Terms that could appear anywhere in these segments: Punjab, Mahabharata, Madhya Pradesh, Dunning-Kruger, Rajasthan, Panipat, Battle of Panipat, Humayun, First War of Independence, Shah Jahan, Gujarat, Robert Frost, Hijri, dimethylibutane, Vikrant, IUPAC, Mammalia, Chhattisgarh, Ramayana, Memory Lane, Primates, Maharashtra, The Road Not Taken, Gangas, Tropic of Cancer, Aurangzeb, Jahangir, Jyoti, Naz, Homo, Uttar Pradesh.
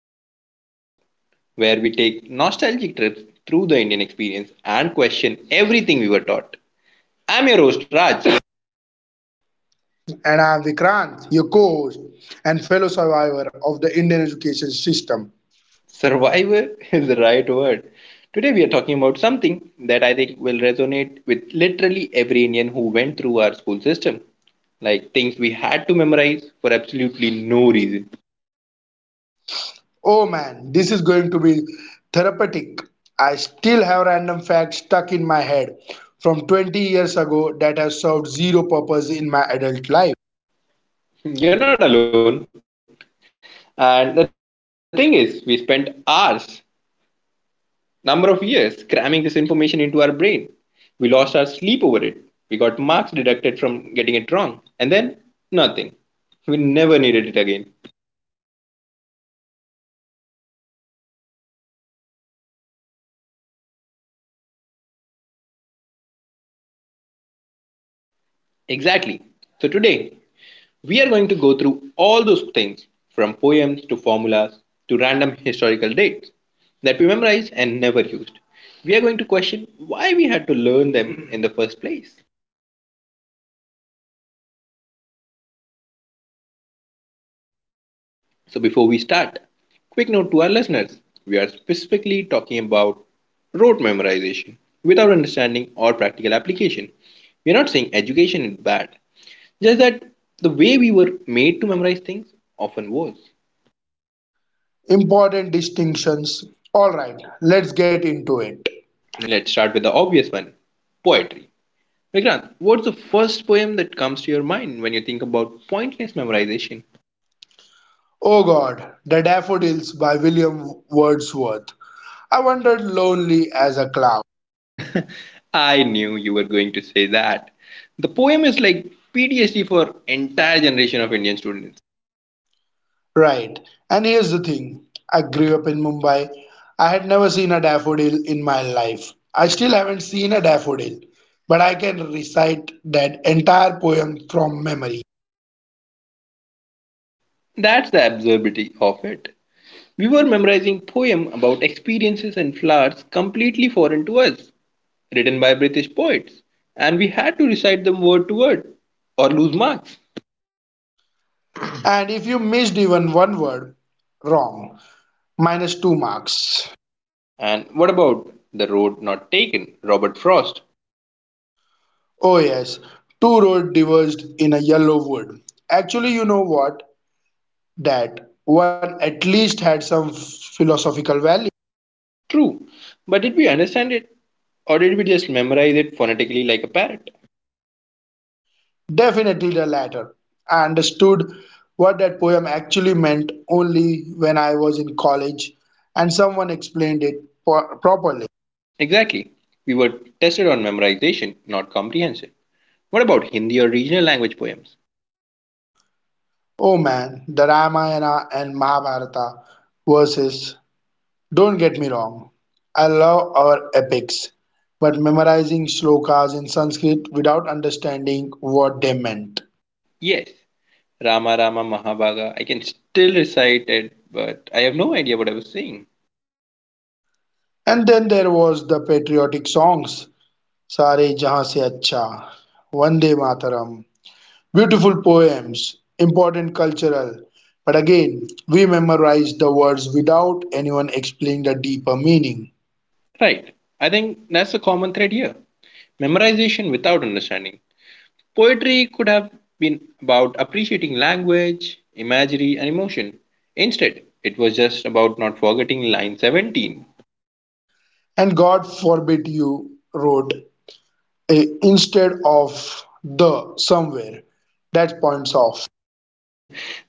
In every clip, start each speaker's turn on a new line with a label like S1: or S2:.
S1: Memory Lane podcast, where we take nostalgic trips through the Indian experience and question everything we were taught. I'm your host, Raj.
S2: And I'm Vikrant, your coach and fellow survivor of the Indian education system.
S1: Survivor is the right word. Today, we are talking about something that I think will resonate with literally every Indian who went through our school system like things we had to memorize for absolutely no reason.
S2: Oh man, this is going to be therapeutic. I still have random facts stuck in my head from 20 years ago that have served zero purpose in my adult life.
S1: You're not alone. And the thing is, we spent hours number of years cramming this information into our brain. We lost our sleep over it. We got marks deducted from getting it wrong. And then nothing. We never needed it again.
S2: It's like our education system was designed to create human hard drive rather than thinking, reasoning people.
S1: Exactly. So today, we are going to go through all those things from poems to formulas to random historical dates that we memorized and never used. We are going to question why we had to learn them in the first place.
S2: This is going to be cathartic. Let's dive in.
S1: So, before we start, quick note to our listeners we are specifically talking about rote memorization without understanding or practical application. We are not saying education is bad, just that the way we were made to memorize things often was.
S2: Important distinctions. All right, let's get into it.
S1: Let's start with the obvious one poetry. Vikrant, what's the first poem that comes to your mind when you think about pointless memorization?
S2: Oh God, The Daffodils by William Wordsworth. I wandered lonely as a cloud.
S1: I knew you were going to say that. The poem is like PTSD for entire generation of Indian students.
S2: Right, and here's the thing, I grew up in Mumbai. I had never seen a daffodil in my life. I still haven't seen a daffodil, but I can recite that entire poem from memory.
S1: That's the absurdity of it. We were memorizing poem about experiences and flowers completely foreign to us, written by British poets, and we had to recite them word to word or lose marks.
S2: And if you missed even one word, wrong, minus two marks.
S1: And what about The Road Not Taken, Robert Frost?
S2: Oh, yes, two roads diverged in a yellow wood. Actually, you know what? That one at least had some philosophical value.
S1: True, but did we understand it or did we just memorize it phonetically like a parrot?
S2: Definitely the latter. I understood what that poem actually meant only when I was in college and someone explained it properly.
S1: Exactly. We were tested on memorization, not comprehension. What about Hindi or regional language poems?
S2: Oh man, the Ramayana and Mahabharata verses. Don't get me wrong, I love our epics, but memorizing slokas in Sanskrit without understanding what they meant.
S1: Yes, Rama Rama Mahabhaga. I can still recite it, but I have no idea what I was saying.
S2: And then there was the patriotic songs, सारे जहां से अच्छा, वंदे mataram, beautiful poems, important cultural, but again, we memorize the words without anyone explaining the deeper meaning.
S1: Right. I think that's a common thread here. Memorization without understanding. Poetry could have been about appreciating language, imagery, and emotion. Instead, it was just about not forgetting line 17.
S2: And god forbid you wrote a instead of the somewhere, that points off.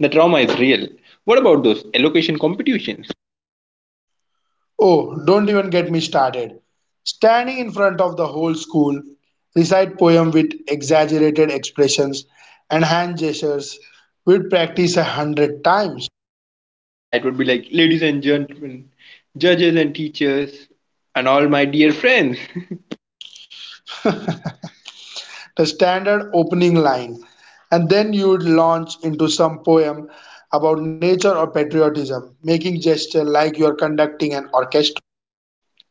S1: The trauma is real. What about those elocution competitions?
S2: Oh, don't even get me started. Standing in front of the whole school, recite poem with exaggerated expressions and hand gestures. We'd practice 100 times,
S1: Yeah, it would be like, ladies and gentlemen, judges and teachers, and all my dear friends.
S2: the standard opening line, and then you'd launch into some poem about nature or patriotism, making gesture like you're conducting an orchestra.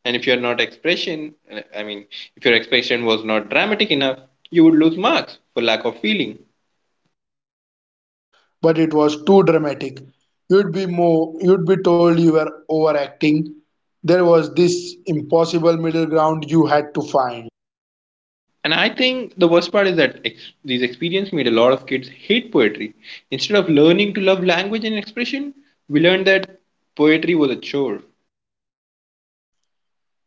S1: And if your not expression, I mean if your expression was not dramatic enough, you would lose marks for lack of feeling.
S2: But it was too dramatic. You'd be told you were overacting. There was this impossible middle ground you had to find.
S1: And I think the worst part is that these experiences made a lot of kids hate poetry. Instead of learning to love language and expression, we learned that poetry was a chore.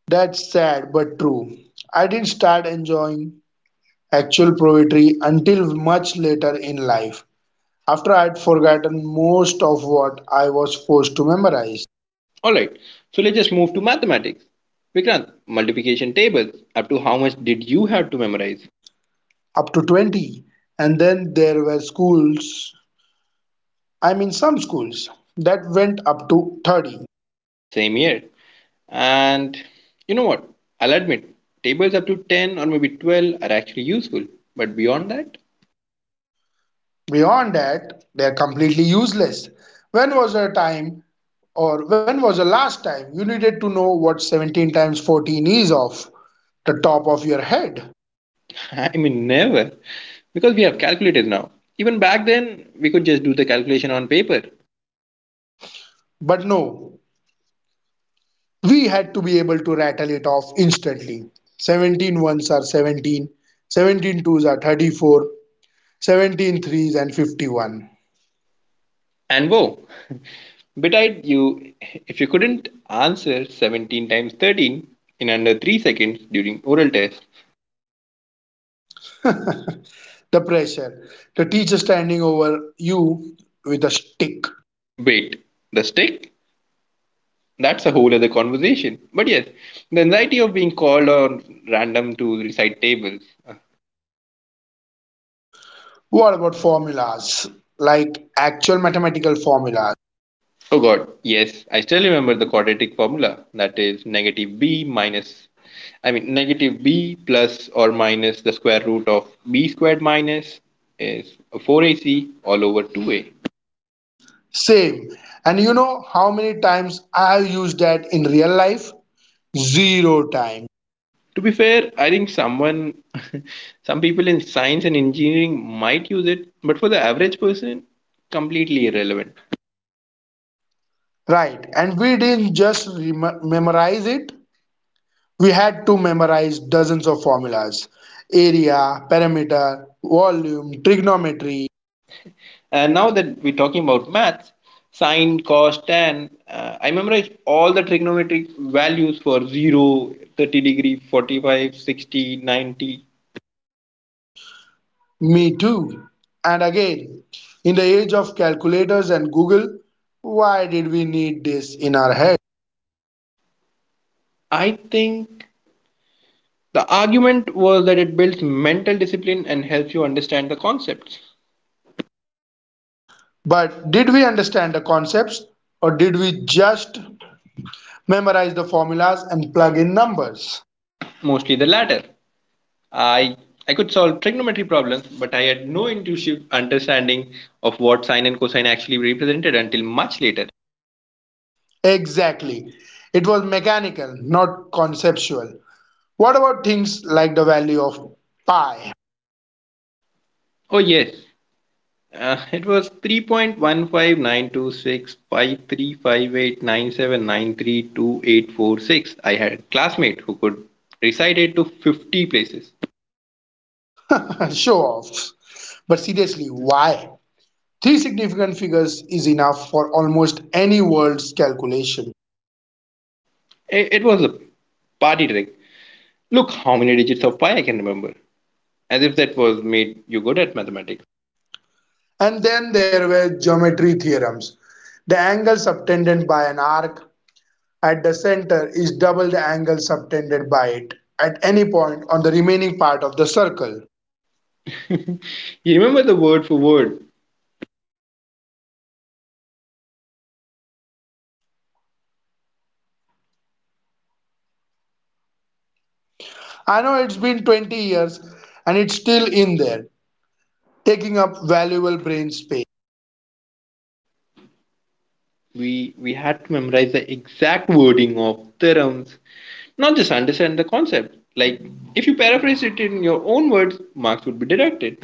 S2: That's sad but true. I didn't start enjoying actual poetry until much later in life, after I'd forgotten most of what I was forced to memorize.
S1: All right, so let's just move to mathematics. Vikrant, multiplication tables, up to how much did you have to memorize?
S2: Up to 20. And then there were schools, I mean, some schools, that went up to 30.
S1: Same here. And you know what? I'll admit, tables up to 10 or maybe 12 are actually useful. But beyond that,
S2: Beyond that, they are completely useless. When was a time when was the last time you needed to know what 17 times 14 is off the top of your head?
S1: I mean, never. Because we have calculators now. Even back then, we could just do the calculation on paper.
S2: But no, we had to be able to rattle it off instantly. 17 ones are 17, 17 twos are 34, 17 threes and 51.
S1: And whoa, betide you, if you couldn't answer 17 times 13 in under 3 seconds during oral test,
S2: The pressure, the teacher standing over you with a stick.
S1: wait, the stick? That's a whole other conversation. But yes, the anxiety of being called on random to recite tables.
S2: What about formulas? Like actual mathematical formulas?
S1: Oh god, yes, I still remember the quadratic formula. That is negative b minus, I mean, negative b plus or minus the square root of b squared minus is 4ac all over 2a.
S2: Same. And you know how many times I have used that in real life? Zero times.
S1: To be fair, I think someone, some people in science and engineering might use it, but for the average person, completely irrelevant.
S2: Right. And we didn't just memorize it, we had to memorize dozens of formulas, area, perimeter, volume, trigonometry.
S1: And now that we're talking about maths, sine, cos, tan, I memorize all the trigonometric values for zero, 30 degree, 45, 60, 90.
S2: Me too. And again, in the age of calculators and Google, why did we need this in our head?
S1: I think the argument was that it builds mental discipline and helps you understand the concepts,
S2: But did we understand the concepts, or did we just memorize the formulas and plug in numbers?
S1: mostly the latter. I I could solve trigonometry problems, but I had no intuitive understanding of what sine and cosine actually represented until much later.
S2: Exactly. It was mechanical, not conceptual. What about things like the value of pi?
S1: Oh yes, it was 3.15926535897932846. I had a classmate who could recite it to 50 places.
S2: Show offs. But seriously, why? Three significant figures is enough for almost any world's calculation.
S1: It was a party trick. Look how many digits of pi I can remember. As if that was made you good at mathematics.
S2: And then there were geometry theorems. The angle subtended by an arc at the center is double the angle subtended by it at any point on the remaining part of the circle.
S1: You remember the word for word.
S2: I know it's been 20 years and it's still in there, taking up valuable brain space.
S1: We had to memorize the exact wording of theorems, not just understand the concept. Like if you paraphrase it in your own words, marks would be deducted.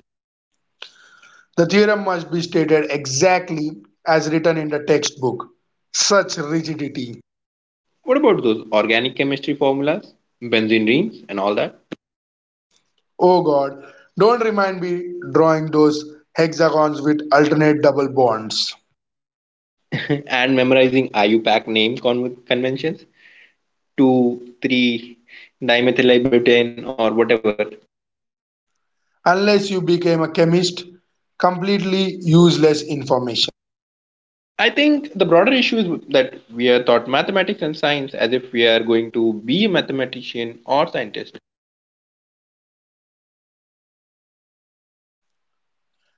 S2: The theorem must be stated exactly as written in the textbook. Such rigidity.
S1: What about those organic chemistry formulas, benzene rings, and all that?
S2: Oh God, don't remind me, drawing those hexagons with alternate double bonds.
S1: And memorizing IUPAC name conventions, 2, 3, dimethylibutane, or whatever.
S2: Unless you became a chemist, completely useless information.
S1: I think the broader issue is that we are taught mathematics and science as if we are going to be a mathematician or scientist.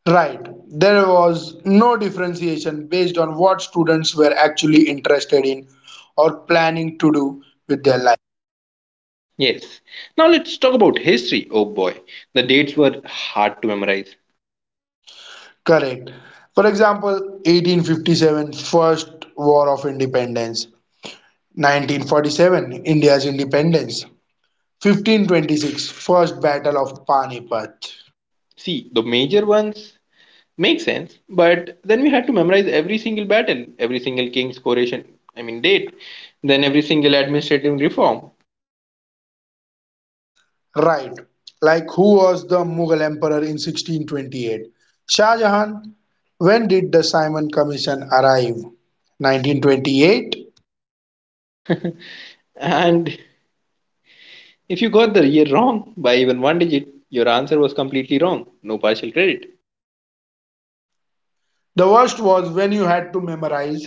S2: Right, there was no differentiation based on what students were actually interested in or planning to do with their life.
S1: Yes. Now let's talk about history. Oh boy, the dates were hard to memorize.
S2: Correct. For example, 1857 First War of Independence, 1947 India's independence, 1526 First Battle of Panipat.
S1: See, the major ones makes sense. But then we had to memorize every single battle, every single king's coronation, I mean date, then every single administrative reform.
S2: Right, like who was the Mughal emperor in 1628? Shah Jahan. When did the Simon Commission arrive? 1928.
S1: And if you got the year wrong by even one digit, your answer was completely wrong. No partial credit.
S2: The worst was when you had to memorize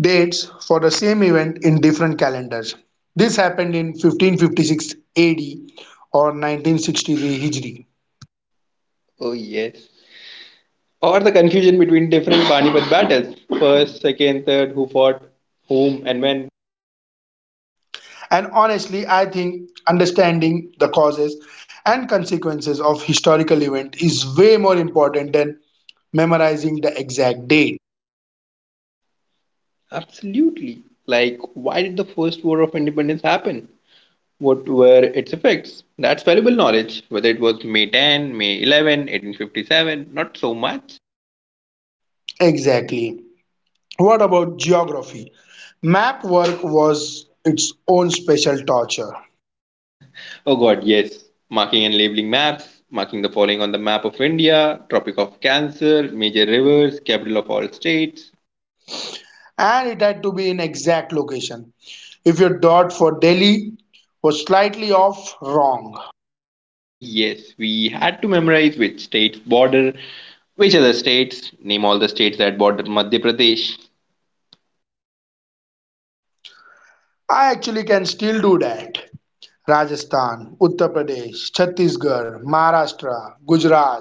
S2: dates for the same event in different calendars. This happened in 1556 AD or 1963 Hijri.
S1: Oh yes. Or the confusion between different Panipat battles. First, second, third, who fought whom and when.
S2: And honestly, I think understanding the causes and consequences of historical event is way more important than memorizing the exact date.
S1: Absolutely. Like why did the first war of independence happen? What were its effects? That's valuable knowledge. Whether it was May 10, May 11, 1857, not so much.
S2: Exactly. What about geography? Map work was its own special torture.
S1: Oh god, yes. Marking and labeling maps, marking the following on the map of India, Tropic of Cancer, major rivers, capital of all states.
S2: And it had to be in exact location. If your dot for Delhi was slightly off, wrong.
S1: Yes, we had to memorize which states border which other states. Name all the states that border Madhya Pradesh.
S2: I actually can still do that. Rajasthan, Uttar Pradesh, Chhattisgarh, Maharashtra, Gujarat.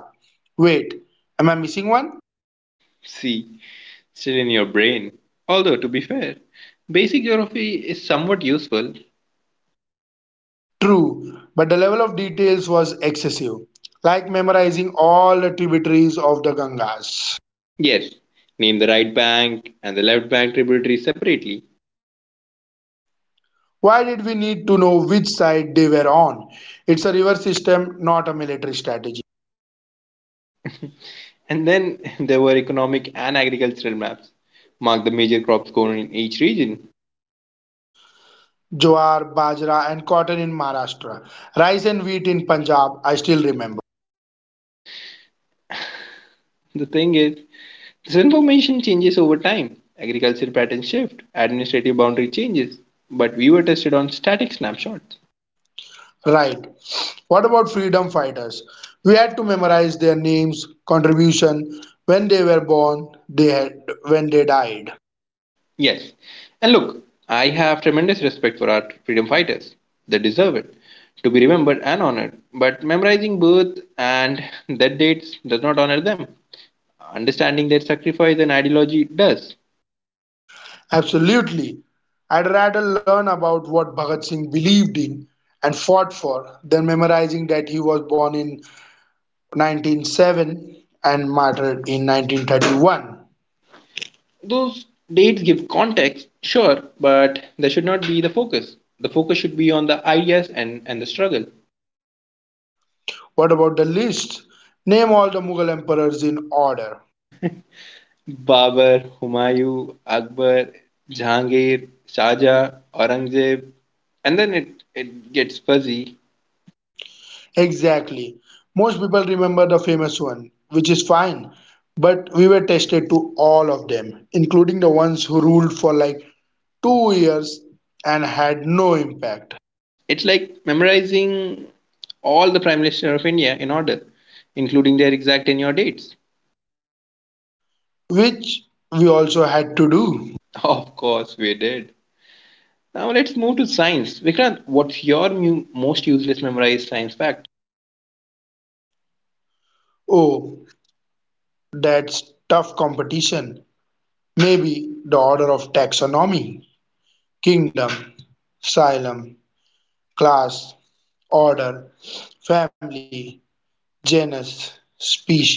S2: Wait, am I missing one?
S1: See, still in your brain. Although, to be fair, basic geography is somewhat useful.
S2: True, but the level of details was excessive, like memorizing all the tributaries of the Gangas.
S1: Yes, name the right bank and the left bank tributaries separately.
S2: Why did we need to know which side they were on? It's a river system, not a military strategy.
S1: And then there were economic and agricultural maps. Mark the major crops grown in each region.
S2: Jowar, bajra, and cotton in Maharashtra, rice and wheat in Punjab. I still remember.
S1: The thing is, this information changes over time. Agricultural patterns shift, administrative boundary changes. But we were tested on static snapshots.
S2: Right. What about freedom fighters? We had to memorize their names, contribution, when they were born, when they died.
S1: Yes. And look, I have tremendous respect for our freedom fighters. They deserve it to be remembered and honored. But memorizing birth and death dates does not honor them. Understanding their sacrifice and ideology does.
S2: Absolutely. I'd rather learn about what Bhagat Singh believed in and fought for than memorizing that he was born in 1907 and martyred in 1931.
S1: Those dates give context, sure, but they should not be the focus. The focus should be on the ideas and the struggle.
S2: What about the list? Name all the Mughal emperors in order.
S1: Babur, Humayun, Akbar, Jahangir, Shah Jahan, Aurangzeb, and then it gets fuzzy.
S2: Exactly. Most people remember the famous one, which is fine, but we were tested to all of them, including the ones who ruled for like 2 years and had no impact,
S1: It's like memorizing all the Prime Minister of India in order, including their exact tenure dates.
S2: which we also had to do.
S1: Of course, we did. Now let's move to science. Vikrant, what's your most useless memorized science fact?
S2: Oh, that's tough competition. Maybe the order of taxonomy, kingdom, asylum, class, order, family, genus, species.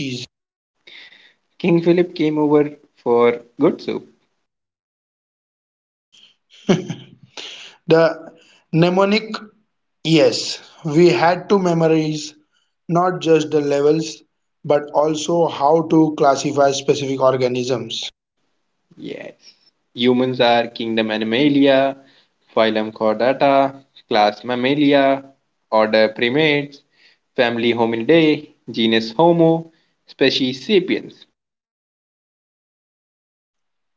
S1: King Philip came over for good soup.
S2: The mnemonic, yes, we had to memorize not just the levels but also how to classify specific organisms.
S1: Yes. Humans are kingdom Animalia, phylum Chordata, class Mammalia, order Primates, family Hominidae, genus Homo, species Sapiens.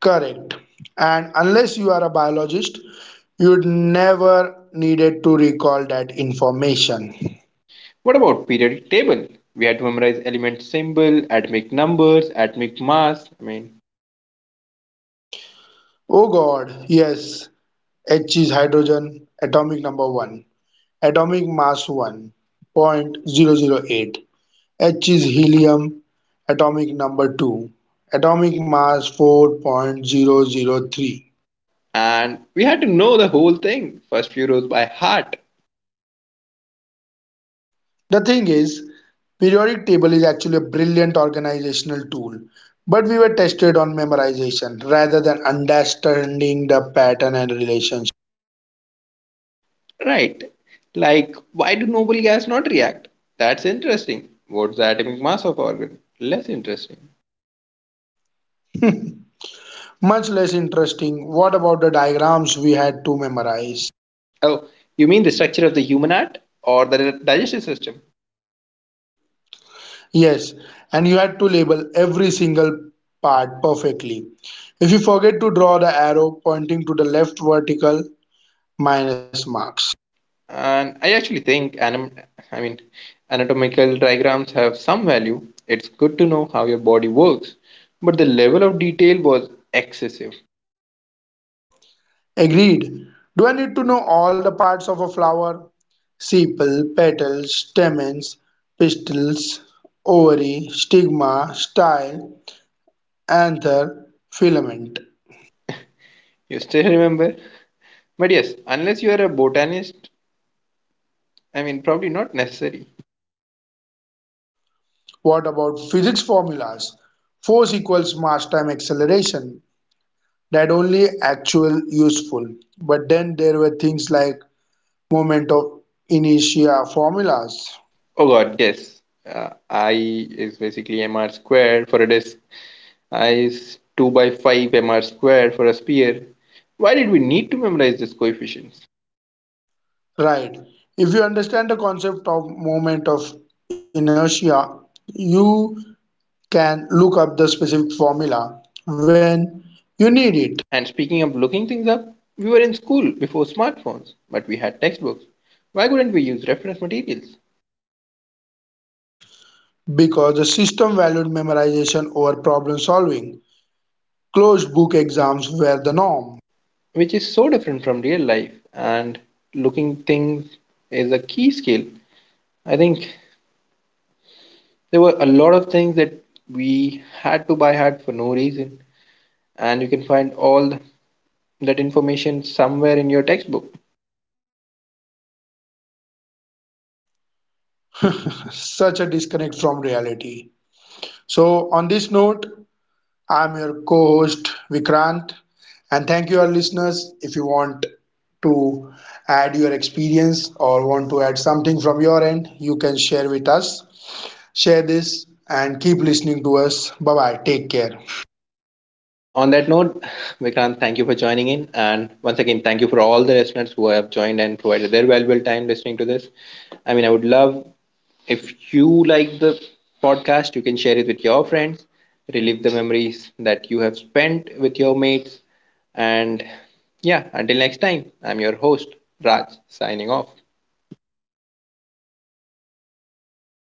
S2: Correct. And unless you are a biologist, you'd never needed to recall that information.
S1: What about periodic table? We had to memorize element symbol, atomic numbers, atomic mass. I mean,
S2: Oh God, yes, H is hydrogen, atomic number 1, atomic mass 1.008, H is helium, atomic number 2, atomic mass 4.003.
S1: and we had to know the whole thing, first few rows by heart.
S2: The thing is, periodic table is actually a brilliant organizational tool, but we were tested on memorization rather than understanding the pattern and relationship.
S1: Right. Like, why do noble gas not react? That's interesting. What's the atomic mass of organ? Less interesting.
S2: Much less interesting. What about the diagrams we had to memorize?
S1: Oh, you mean the structure of the human heart or the digestive system?
S2: Yes, and you had to label every single part perfectly. If you forget to draw the arrow pointing to the left vertical, minus marks.
S1: And I actually think I mean, anatomical diagrams have some value. It's good to know how your body works, but the level of detail was excessive.
S2: Agreed. Do I need to know all the parts of a flower? Sepal, petals, stamens, pistils, ovary, stigma, style, anther, filament.
S1: You still remember? But yes, unless you are a botanist, I mean, probably not necessary.
S2: What about physics formulas? Force equals mass time acceleration. That only actual useful. But then there were things like moment of inertia formulas.
S1: Oh God, yes. I is basically m r squared for a disk. I is 2 by 5 m r squared for a sphere. Why did we need to memorize these coefficients?
S2: Right. If you understand the concept of moment of inertia, you can look up the specific formula when you need it.
S1: And speaking of looking things up, we were in school before smartphones, but we had textbooks. Why couldn't we use reference materials?
S2: Because the system valued memorization over problem solving. Closed book exams were the norm.
S1: Which is so different from real life, and looking things is a key skill. I think there were a lot of things that we had to buy hard for no reason, and you can find all the that information somewhere in your textbook.
S2: Such a disconnect from reality. So, on this note, I'm your co host Vikrant, and thank you, our listeners. If you want to add your experience or want to add something from your end, you can share with us. Share this and keep listening to us. Bye bye. Take care.
S1: On that note, Vikrant, thank you for joining in. And once again, thank you for all the listeners who have joined and provided their valuable time listening to this. I mean, I would love if you like the podcast, you can share it with your friends, relive the memories that you have spent with your mates. And yeah, until next time, I'm your host, Raj, signing off.